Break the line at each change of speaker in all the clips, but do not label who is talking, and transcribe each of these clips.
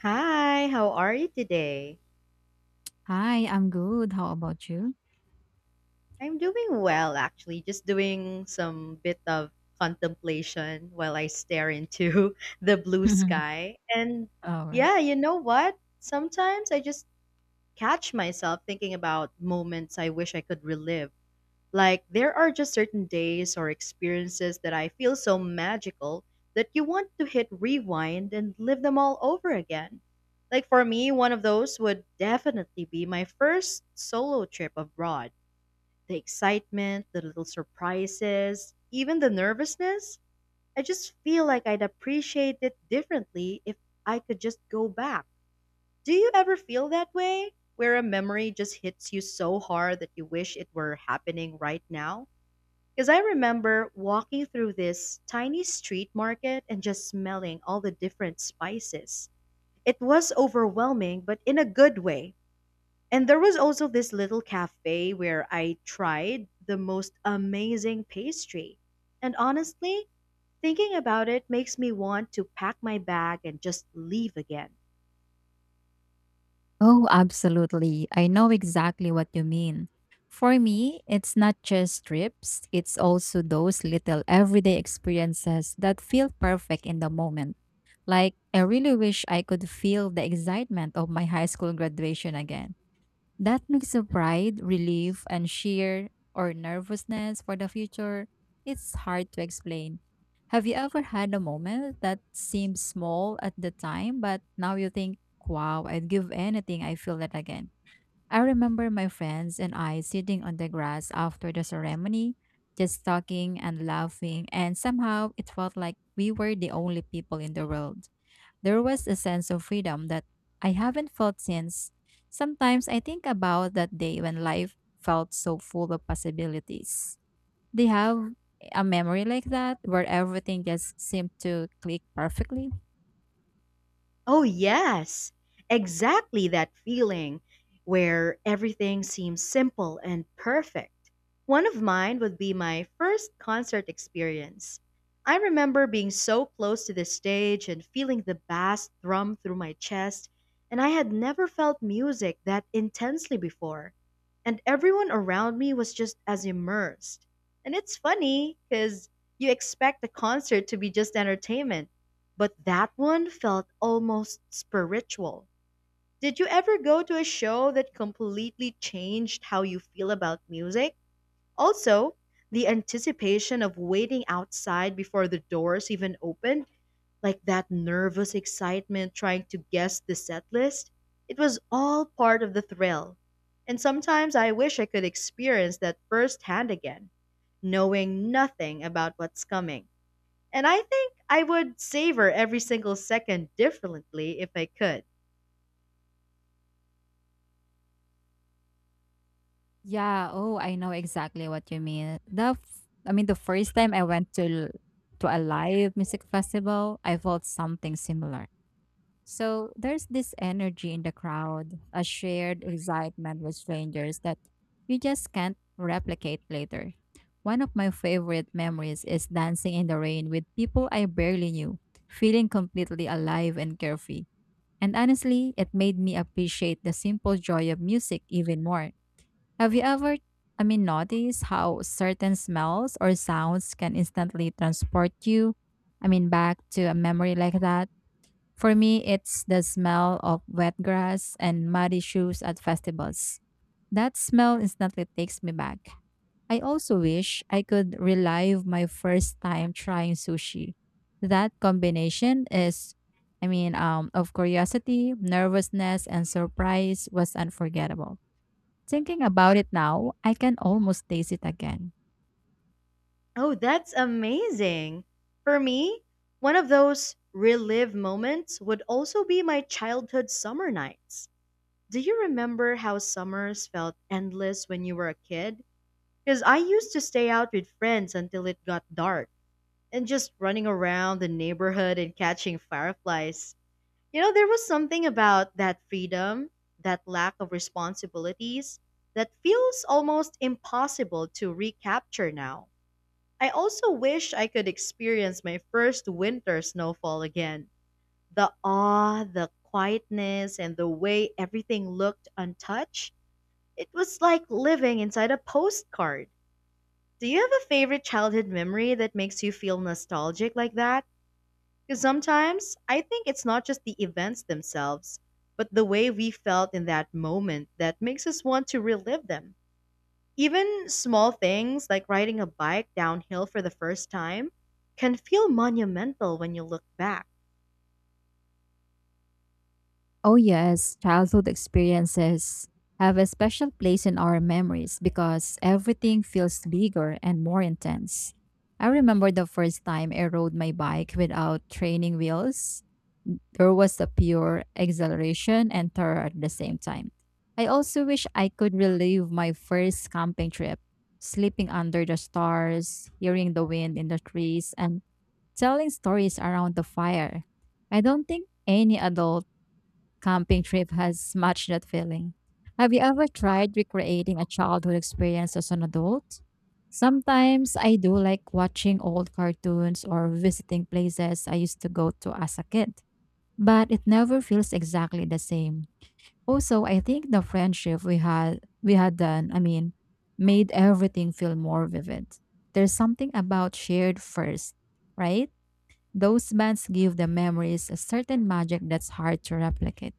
Hi, how are you today?
Hi, I'm good. How about you?
I'm doing well, actually. Just doing some bit of contemplation while I stare into the blue sky. And
All right.
yeah, you know what? Sometimes I just catch myself thinking about moments I wish I could relive. Like, there are just certain days or experiences that I feel so magical that you want to hit rewind and live them all over again. Like, for me, one of those would definitely be my first solo trip abroad. The excitement, the little surprises, even the nervousness. I just feel like I'd appreciate it differently if I could just go back. Do you ever feel that way? Where a memory just hits you so hard that you wish it were happening right now? Because I remember walking through this tiny street market and just smelling all the different spices. It was overwhelming, but in a good way. And there was also this little cafe where I tried the most amazing pastry. And honestly, thinking about it makes me want to pack my bag and just leave again.
Oh, absolutely. I know exactly what you mean. For me, it's not just trips, it's also those little everyday experiences that feel perfect in the moment. Like, I really wish I could feel the excitement of my high school graduation again. That mix of pride, relief, and sheer or nervousness for the future, it's hard to explain. Have you ever had a moment that seemed small at the time, but now you think, wow, I'd give anything I feel that again? I remember my friends and I sitting on the grass after the ceremony, just talking and laughing, and somehow it felt like we were the only people in the world. There was a sense of freedom that I haven't felt since. Sometimes I think about that day when life felt so full of possibilities. Do you have a memory like that where everything just seemed to click perfectly?
Oh, yes, exactly that feeling where everything seems simple and perfect. One of mine would be my first concert experience. I remember being so close to the stage and feeling the bass thrum through my chest, and I had never felt music that intensely before and everyone around me was just as immersed. And it's funny because you expect a concert to be just entertainment, but that one felt almost spiritual. Did you ever go to a show that completely changed how you feel about music? Also, the anticipation of waiting outside before the doors even opened, like that nervous excitement trying to guess the set list. It was all part of the thrill. And sometimes I wish I could experience that firsthand again, knowing nothing about what's coming. And I think I would savor every single second differently if I could.
Yeah, oh, I know exactly what you mean. I mean the first time I went to to a live music festival, I felt something similar. So there's this energy in the crowd, a shared excitement with strangers that you just can't replicate later. One of my favorite memories is dancing in the rain with people I barely knew, feeling completely alive and carefree. And honestly, it made me appreciate the simple joy of music even more. Have you ever, I mean, noticed how certain smells or sounds can instantly transport you, I mean, back to a memory like that? For me, it's the smell of wet grass and muddy shoes at festivals. That smell instantly takes me back. I also wish I could relive my first time trying sushi. That combination is, I mean, of curiosity, nervousness, and surprise was unforgettable. Thinking about it now, I can almost taste it again.
Oh, that's amazing. For me, one of those relive moments would also be my childhood summer nights. Do you remember how summers felt endless when you were a kid? Because I used to stay out with friends until it got dark and just running around the neighborhood and catching fireflies. You know, there was something about that freedom, that lack of responsibilities, that feels almost impossible to recapture now. I also wish I could experience my first winter snowfall again. The awe, the quietness, and the way everything looked untouched. It was like living inside a postcard. Do you have a favorite childhood memory that makes you feel nostalgic like that? Because sometimes I think it's not just the events themselves, but the way we felt in that moment that makes us want to relive them. Even small things like riding a bike downhill for the first time can feel monumental when you look back.
Oh, yes, childhood experiences have a special place in our memories because everything feels bigger and more intense. I remember the first time I rode my bike without training wheels. There was a pure exhilaration and terror at the same time. I also wish I could relive my first camping trip, sleeping under the stars, hearing the wind in the trees, and telling stories around the fire. I don't think any adult camping trip has matched that feeling. Have you ever tried recreating a childhood experience as an adult? Sometimes I do like watching old cartoons or visiting places I used to go to as a kid, but it never feels exactly the same. Also, I think the friendship we had made everything feel more vivid. There's something about shared first, right? Those bands give the memories a certain magic that's hard to replicate.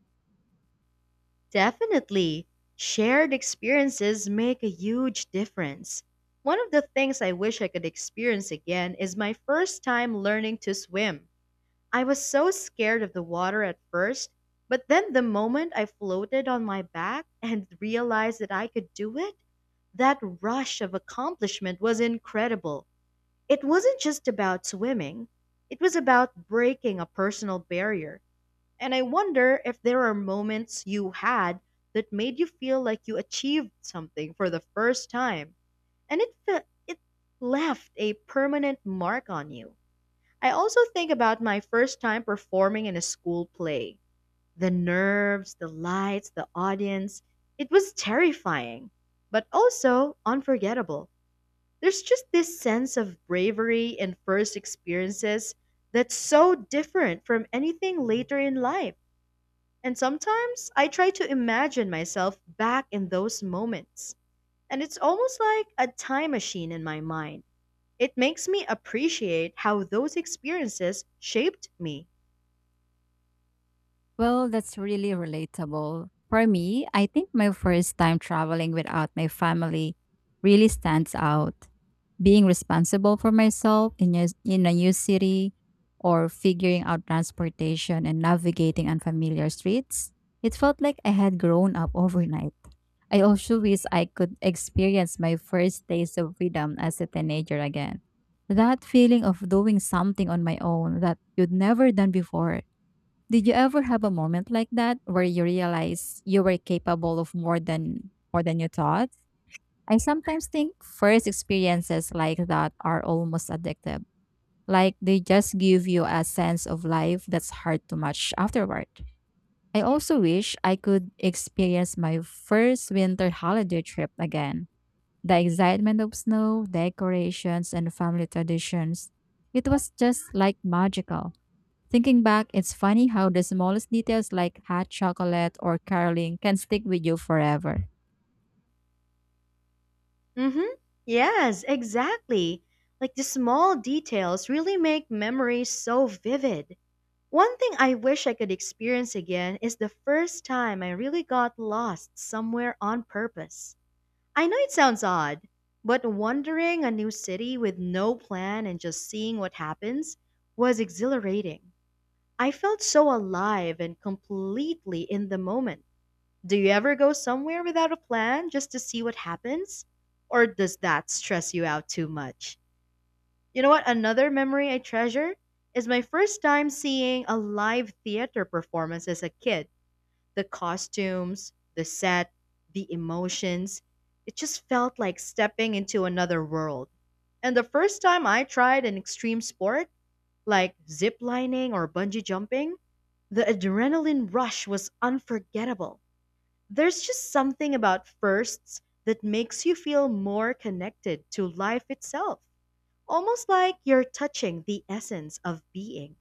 Definitely, shared experiences make a huge difference. One of the things I wish I could experience again is my first time learning to swim. I was so scared of the water at first, but then the moment I floated on my back and realized that I could do it, that rush of accomplishment was incredible. It wasn't just about swimming, it was about breaking a personal barrier. And I wonder if there are moments you had that made you feel like you achieved something for the first time and it left a permanent mark on you. I also think about my first time performing in a school play. The nerves, the lights, the audience. It was terrifying, but also unforgettable. There's just this sense of bravery in first experiences that's so different from anything later in life. And sometimes I try to imagine myself back in those moments. And it's almost like a time machine in my mind. It makes me appreciate how those experiences shaped me.
Well, that's really relatable. For me, I think my first time traveling without my family really stands out. Being responsible for myself in a new city or figuring out transportation and navigating unfamiliar streets, it felt like I had grown up overnight. I also wish I could experience my first taste of freedom as a teenager again. That feeling of doing something on my own that you'd never done before, did you ever have a moment like that where you realize you were capable of more than you thought? I sometimes think first experiences like that are almost addictive. Like they just give you a sense of life that's hard to match afterward. I also wish I could experience my first winter holiday trip again. The excitement of snow, decorations, and family traditions. It was just like magical. Thinking back, it's funny how the smallest details like hot chocolate or caroling can stick with you forever.
Mm-hmm. Yes, exactly. Like the small details really make memories so vivid. One thing I wish I could experience again is the first time I really got lost somewhere on purpose. I know it sounds odd, but wandering a new city with no plan and just seeing what happens was exhilarating. I felt so alive and completely in the moment. Do you ever go somewhere without a plan just to see what happens? Or does that stress you out too much? You know what? Another memory I treasure is my first time seeing a live theater performance as a kid. The costumes, the set, the emotions. It just felt like stepping into another world. And the first time I tried an extreme sport, like zip lining or bungee jumping, the adrenaline rush was unforgettable. There's just something about firsts that makes you feel more connected to life itself, almost like you're touching the essence of being.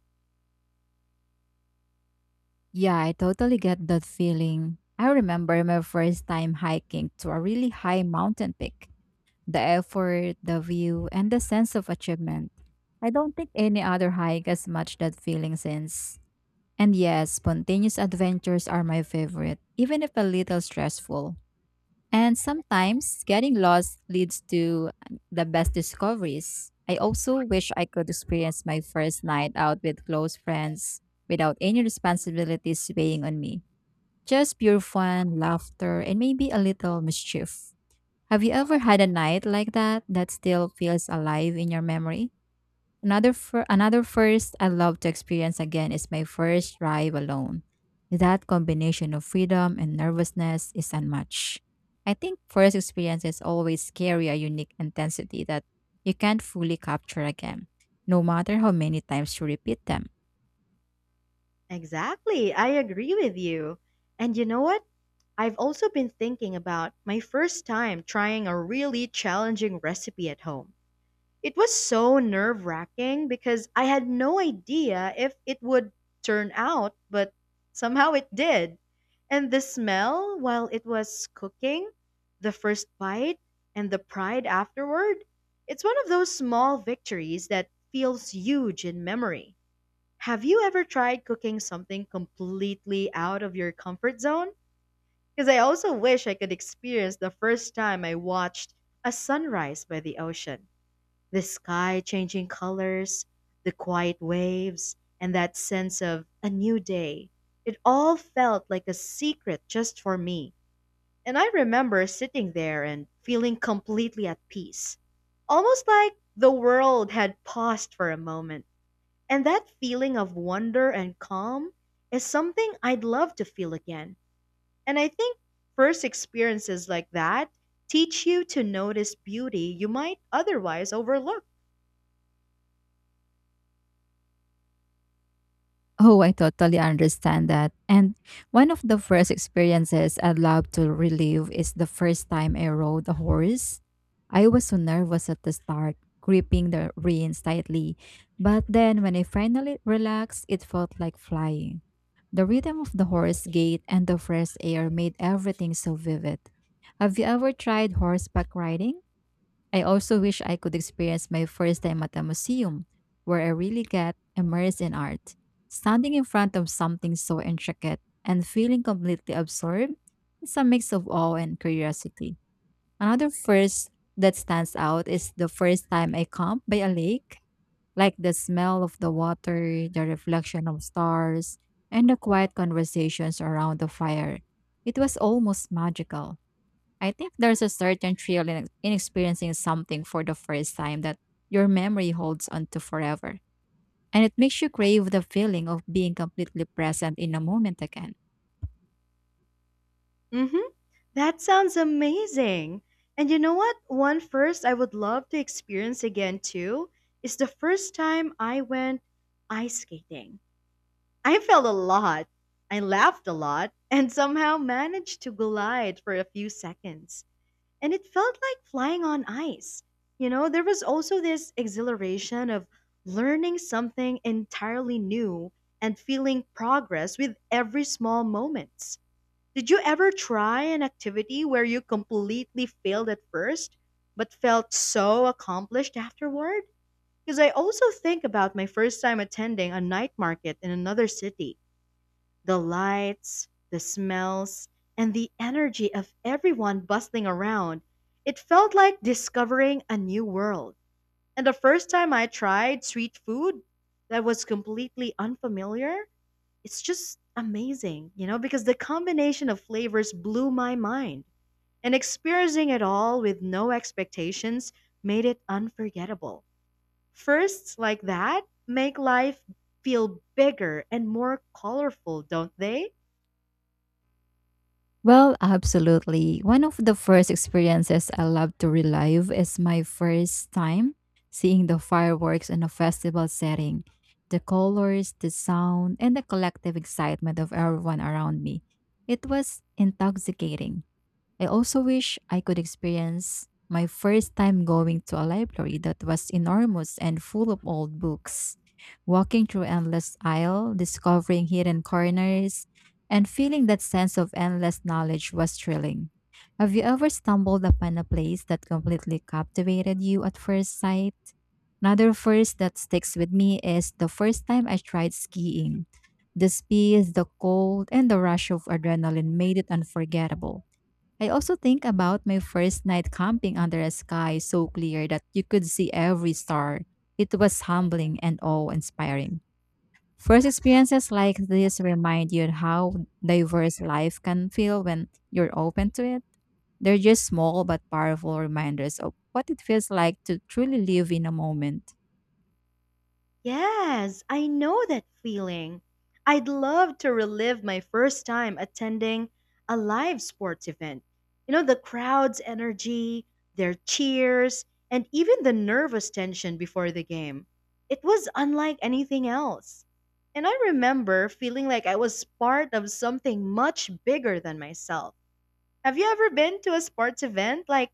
Yeah, I totally get that feeling. I remember my first time hiking to a really high mountain peak. The effort, the view, and the sense of achievement. I don't think any other hike has matched that feeling since. And yes, spontaneous adventures are my favorite, even if a little stressful. And sometimes getting lost leads to the best discoveries. I also wish I could experience my first night out with close friends without any responsibilities weighing on me. Just pure fun, laughter, and maybe a little mischief. Have you ever had a night like that that still feels alive in your memory? Another first I love to experience again is my first drive alone. That combination of freedom and nervousness is unmatched. I think first experiences always carry a unique intensity that you can't fully capture again, no matter how many times you repeat them.
Exactly, I agree with you. And you know what? I've also been thinking about my first time trying a really challenging recipe at home. It was so nerve wracking because I had no idea if it would turn out, but somehow it did. And the smell while it was cooking, the first bite, and the pride afterward, it's one of those small victories that feels huge in memory. Have you ever tried cooking something completely out of your comfort zone? Because I also wish I could experience the first time I watched a sunrise by the ocean. The sky changing colors, the quiet waves, and that sense of a new day. It all felt like a secret just for me. And I remember sitting there and feeling completely at peace, almost like the world had paused for a moment. And that feeling of wonder and calm is something I'd love to feel again. And I think first experiences like that teach you to notice beauty you might otherwise overlook.
Oh, I totally understand that. And one of the first experiences I'd love to relive is the first time I rode a horse. I was so nervous at the start, gripping the reins tightly. But then when I finally relaxed, it felt like flying. The rhythm of the horse gait and the fresh air made everything so vivid. Have you ever tried horseback riding? I also wish I could experience my first time at a museum where I really get immersed in art. Standing in front of something so intricate and feeling completely absorbed is a mix of awe and curiosity. Another first that stands out is the first time I camped by a lake, like the smell of the water, the reflection of stars, and the quiet conversations around the fire. It was almost magical. I think there's a certain thrill in experiencing something for the first time that your memory holds on to forever. And it makes you crave the feeling of being completely present in a moment again.
hmm That sounds amazing. And you know what? One first I would love to experience again too is the first time I went ice skating. I fell a lot, I laughed a lot, and somehow managed to glide for a few seconds. And it felt like flying on ice. You know, there was also this exhilaration of learning something entirely new and feeling progress with every small moment. Did you ever try an activity where you completely failed at first, but felt so accomplished afterward? Because I also think about my first time attending a night market in another city. The lights, the smells, and the energy of everyone bustling around. It felt like discovering a new world. And the first time I tried street food that was completely unfamiliar, it's just amazing, you know, because the combination of flavors blew my mind. And experiencing it all with no expectations made it unforgettable. Firsts like that make life feel bigger and more colorful, don't they?
Well, absolutely. One of the first experiences I love to relive is my first time seeing the fireworks in a festival setting. The colors, the sound, and the collective excitement of everyone around me. It was intoxicating. I also wish I could experience my first time going to a library that was enormous and full of old books, walking through endless aisle, discovering hidden corners, and feeling that sense of endless knowledge was thrilling. Have you ever stumbled upon a place that completely captivated you at first sight? Another first that sticks with me is the first time I tried skiing. The speed, the cold, and the rush of adrenaline made it unforgettable. I also think about my first night camping under a sky so clear that you could see every star. It was humbling and awe inspiring. First experiences like this remind you how diverse life can feel when you're open to it. They're just small but powerful reminders of what it feels like to truly live in a moment.
Yes, I know that feeling. I'd love to relive my first time attending a live sports event. You know, the crowd's energy, their cheers, and even the nervous tension before the game. It was unlike anything else. And I remember feeling like I was part of something much bigger than myself. Have you ever been to a sports event like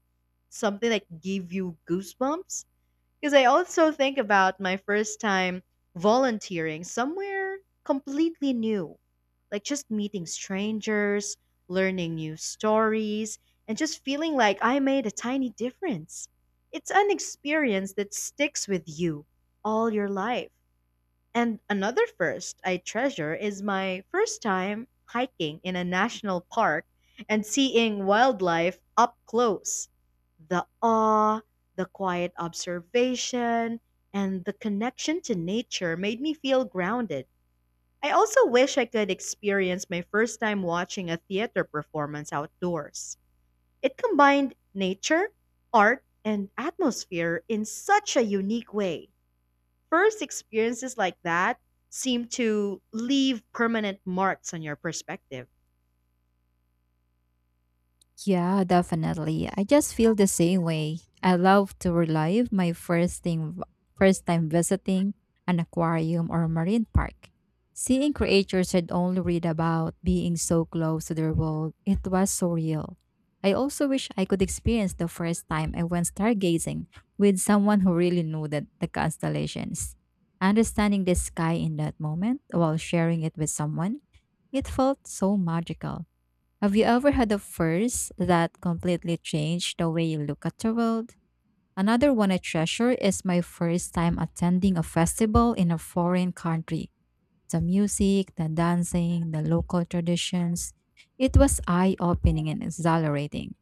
something that gave you goosebumps? Because I also think about my first time volunteering somewhere completely new, like just meeting strangers, learning new stories, and just feeling like I made a tiny difference. It's an experience that sticks with you all your life. And another first I treasure is my first time hiking in a national park and seeing wildlife up close. The awe, the quiet observation, and the connection to nature made me feel grounded. I also wish I could experience my first time watching a theater performance outdoors. It combined nature, art, and atmosphere in such a unique way. First experiences like that seem to leave permanent marks on your perspective.
Yeah, definitely. I just feel the same way. I love to relive my first time visiting an aquarium or marine park. Seeing creatures I'd only read about being so close to their world, it was so real. I also wish I could experience the first time I went stargazing with someone who really knew that the constellations. Understanding the sky in that moment while sharing it with someone, it felt so magical. Have you ever had a first that completely changed the way you look at the world? Another one I treasure is my first time attending a festival in a foreign country. The music, the dancing, the local traditions. It was eye opening and exhilarating.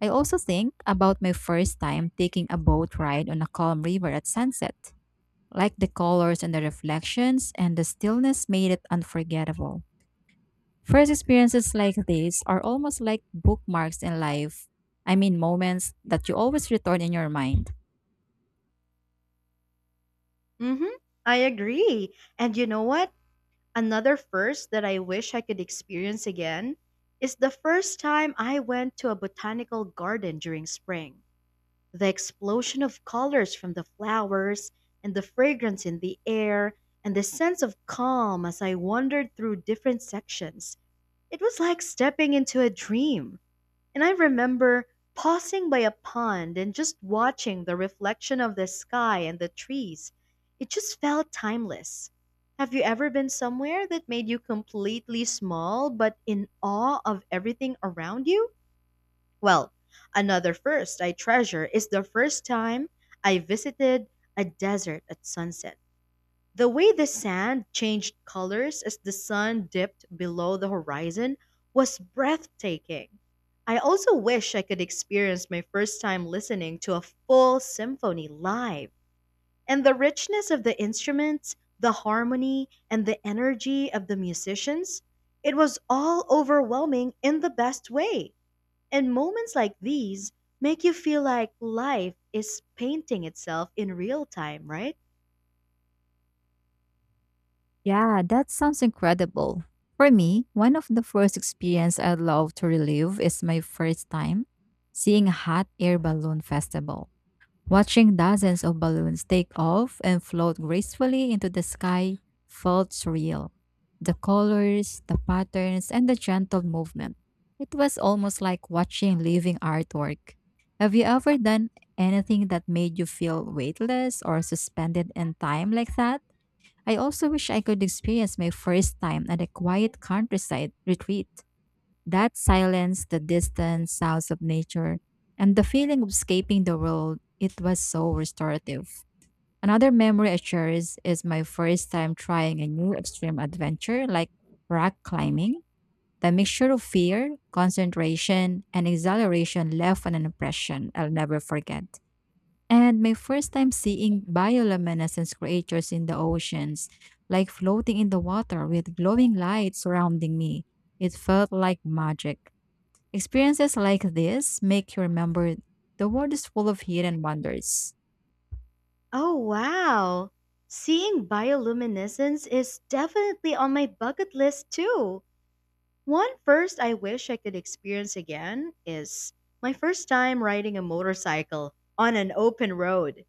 I also think about my first time taking a boat ride on a calm river at sunset. Like the colors and the reflections and the stillness made it unforgettable. First experiences like these are almost like bookmarks in life. I mean, moments that you always return in your mind.
Mhm. I agree. And you know what? Another first that I wish I could experience again is the first time I went to a botanical garden during spring. The explosion of colors from the flowers and the fragrance in the air and the sense of calm as I wandered through different sections. It was like stepping into a dream. And I remember pausing by a pond and just watching the reflection of the sky and the trees. It just felt timeless. Have you ever been somewhere that made you completely small but in awe of everything around you? Well, another first I treasure is the first time I visited a desert at sunset. The way the sand changed colors as the sun dipped below the horizon was breathtaking. I also wish I could experience my first time listening to a full symphony live. And the richness of the instruments, the harmony, and the energy of the musicians, it was all overwhelming in the best way. And moments like these make you feel like life is painting itself in real time, right?
Yeah, that sounds incredible. For me, one of the first experience I'd love to relive is my first time seeing a hot air balloon festival. Watching dozens of balloons take off and float gracefully into the sky felt surreal. The colors, the patterns, and the gentle movement. It was almost like watching living artwork. Have you ever done anything that made you feel weightless or suspended in time like that? I also wish I could experience my first time at a quiet countryside retreat. That silence, the distant sounds of nature, and the feeling of escaping the world, it was so restorative. Another memory I cherish is my first time trying a new extreme adventure like rock climbing. The mixture of fear, concentration, and exhilaration left an impression I'll never forget. And my first time seeing bioluminescence creatures in the oceans, like floating in the water with glowing lights surrounding me, it felt like magic. Experiences like this make you remember the world is full of hidden wonders.
Oh, wow! Seeing bioluminescence is definitely on my bucket list too. One first I wish I could experience again is my first time riding a motorcycle on an open road.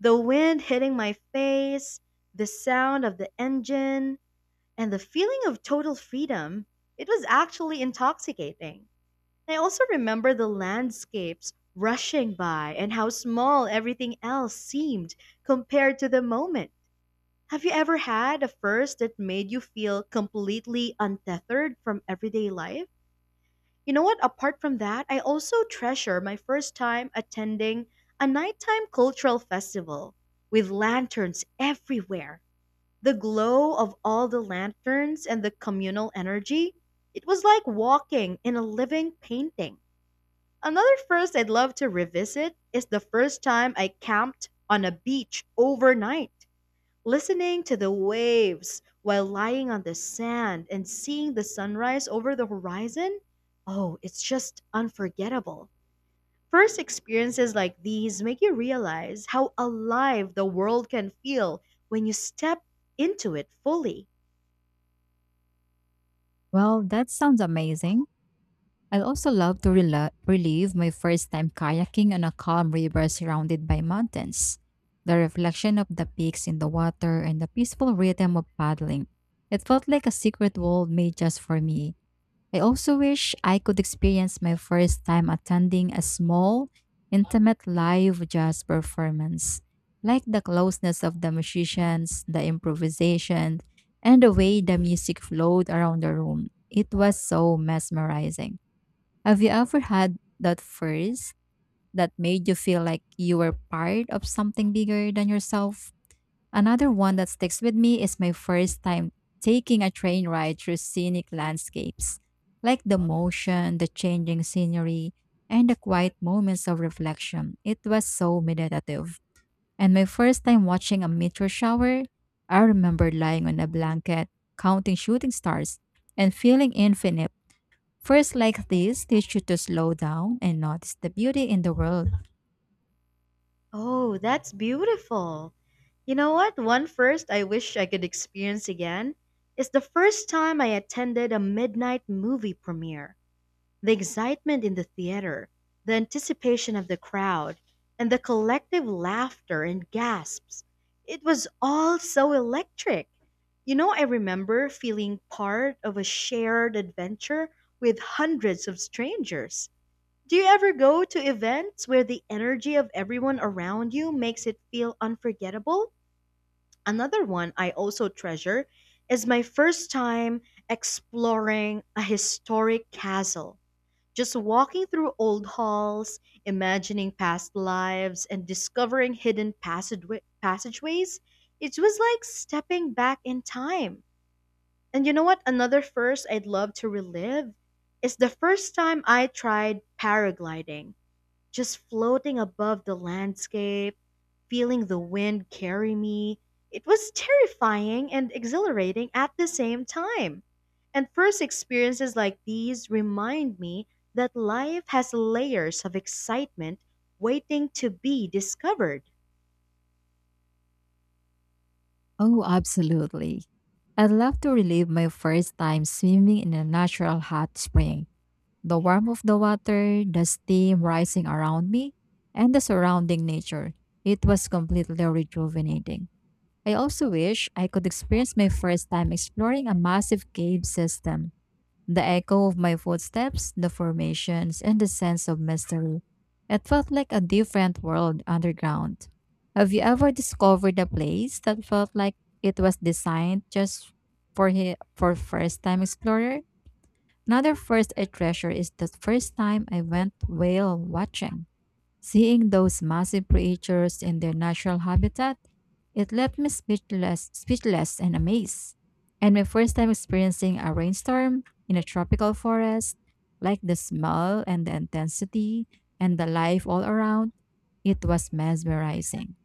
The wind hitting my face, the sound of the engine, and the feeling of total freedom. It was actually intoxicating. I also remember the landscapes rushing by and how small everything else seemed compared to the moment. Have you ever had a first that made you feel completely untethered from everyday life? You know what? Apart from that, I also treasure my first time attending a nighttime cultural festival with lanterns everywhere. The glow of all the lanterns and the communal energy, it was like walking in a living painting. Another first I'd love to revisit is the first time I camped on a beach overnight, listening to the waves while lying on the sand and seeing the sunrise over the horizon. Oh, it's just unforgettable. First experiences like these make you realize how alive the world can feel when you step into it fully.
Well, that sounds amazing. I also love to rela relive my first time kayaking on a calm river surrounded by mountains. The reflection of the peaks in the water and the peaceful rhythm of paddling. It felt like a secret world made just for me. I also wish I could experience my first time attending a small, intimate live jazz performance. Like the closeness of the musicians, the improvisation, and the way the music flowed around the room. It was so mesmerizing. Have you ever had that first that made you feel like you were part of something bigger than yourself? Another one that sticks with me is my first time taking a train ride through scenic landscapes, like the motion, the changing scenery, and the quiet moments of reflection. It was so meditative. And my first time watching a meteor shower, I remember lying on a blanket, counting shooting stars, and feeling infinite. First like this teach you to slow down and notice the beauty in the world.
Oh, that's beautiful. You know what? One first I wish I could experience again is the first time I attended a midnight movie premiere. The excitement in the theater, the anticipation of the crowd, and the collective laughter and gasps. It was all so electric. You know, I remember feeling part of a shared adventure with hundreds of strangers. Do you ever go to events where the energy of everyone around you makes it feel unforgettable? Another one I also treasure is my first time exploring a historic castle. Just walking through old halls, imagining past lives, and discovering hidden passageways, it was like stepping back in time. And you know what? Another first I'd love to relive is the first time I tried paragliding. Just floating above the landscape, feeling the wind carry me, it was terrifying and exhilarating at the same time. And first experiences like these remind me that life has layers of excitement waiting to be discovered.
Oh, absolutely. I'd love to relive my first time swimming in a natural hot spring. The warmth of the water, the steam rising around me, and the surrounding nature. It was completely rejuvenating. I also wish I could experience my first time exploring a massive cave system. The echo of my footsteps, the formations, and the sense of mystery. It felt like a different world underground. Have you ever discovered a place that felt like it was designed just for first time explorer? Another first I treasure is the first time I went whale watching. Seeing those massive creatures in their natural habitat, it left me speechless and amazed. And my first time experiencing a rainstorm in a tropical forest, like the smell and the intensity and the life all around, it was mesmerizing.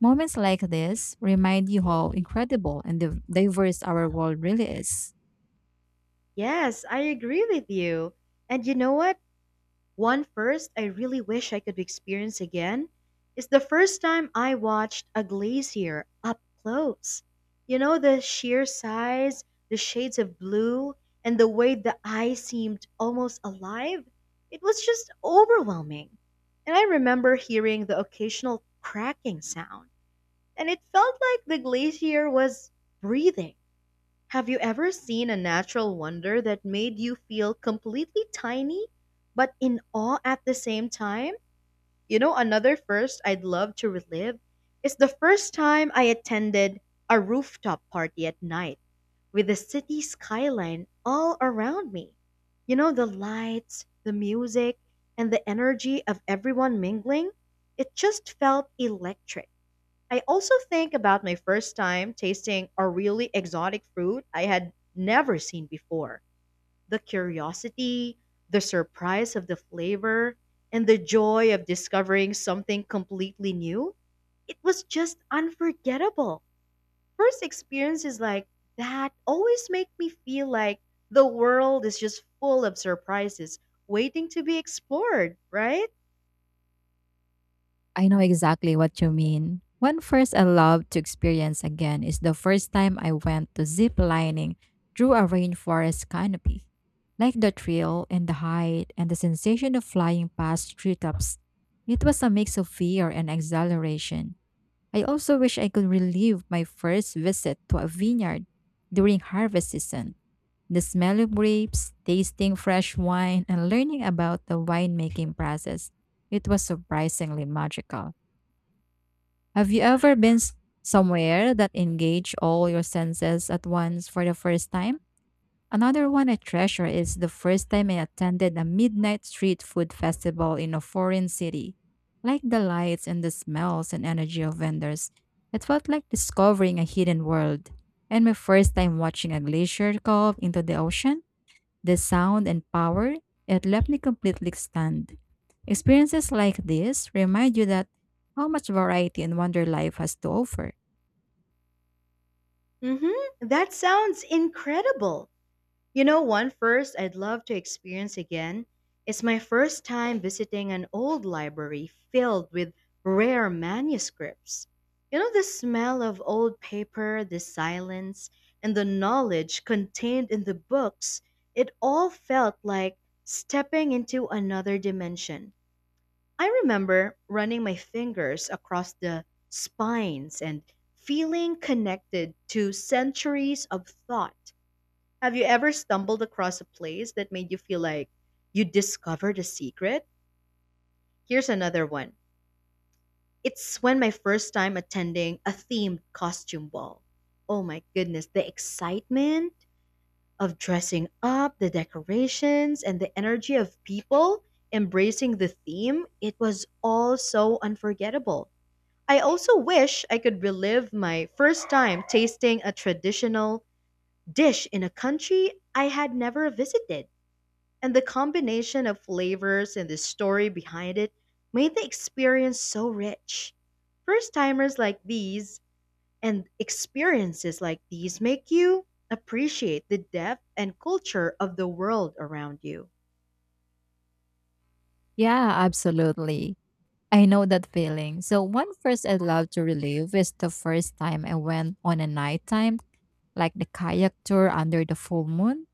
Moments like this remind you how incredible and diverse our world really is.
Yes, I agree with you. And you know what? One first I really wish I could experience again is the first time I watched a glacier up close. You know, the sheer size, the shades of blue, and the way the ice seemed almost alive. It was just overwhelming. And I remember hearing the occasional cracking sound, and it felt like the glacier was breathing. Have you ever seen a natural wonder that made you feel completely tiny, but in awe at the same time? You know, another first I'd love to relive is the first time I attended a rooftop party at night with the city skyline all around me. You know, the lights, the music, and the energy of everyone mingling, it just felt electric. I also think about my first time tasting a really exotic fruit I had never seen before. The curiosity, the surprise of the flavor, and the joy of discovering something completely new. It was just unforgettable. First experiences like that always make me feel like the world is just full of surprises waiting to be explored, right?
I know exactly what you mean. One first I love to experience again is the first time I went to zip lining through a rainforest canopy. Like the thrill and the height and the sensation of flying past treetops, it was a mix of fear and exhilaration. I also wish I could relive my first visit to a vineyard during harvest season. The smell of grapes, tasting fresh wine, and learning about the winemaking process, it was surprisingly magical. Have you ever been somewhere that engaged all your senses at once for the first time? Another one I treasure is the first time I attended a midnight street food festival in a foreign city. Like the lights and the smells and energy of vendors, it felt like discovering a hidden world. And my first time watching a glacier calve into the ocean, the sound and power, it left me completely stunned. Experiences like this remind you that how much variety and wonder life has to offer.
Mhm. That sounds incredible. You know, one first I'd love to experience again is my first time visiting an old library filled with rare manuscripts. You know, the smell of old paper, the silence, and the knowledge contained in the books, it all felt like stepping into another dimension. I remember running my fingers across the spines and feeling connected to centuries of thought. Have you ever stumbled across a place that made you feel like you discovered a secret? Here's another one. It's when my first time attending a themed costume ball. Oh my goodness, the excitement of dressing up, the decorations, and the energy of people embracing the theme, it was all so unforgettable. I also wish I could relive my first time tasting a traditional dish in a country I had never visited. And the combination of flavors and the story behind it made the experience so rich. First timers like these and experiences like these make you appreciate the depth and culture of the world around you.
Yeah, absolutely. I know that feeling. So one first I'd love to relive is the first time I went on a nighttime, like the kayak tour under the full moon.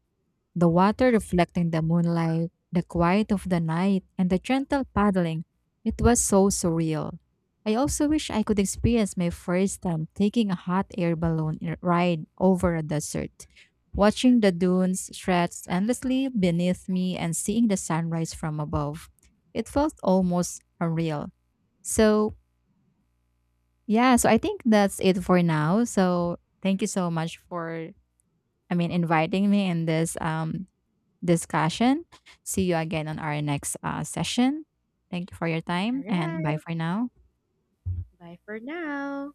The water reflecting the moonlight, the quiet of the night, and the gentle paddling. It was so surreal. I also wish I could experience my first time taking a hot air balloon ride over a desert, watching the dunes stretch endlessly beneath me and seeing the sunrise from above. It felt almost unreal. So, yeah, so I think that's it for now. So, thank you so much for, I mean, inviting me in this discussion. See you again on our next session. Thank you for your time
All
and bye
right,
for now.
bye for now.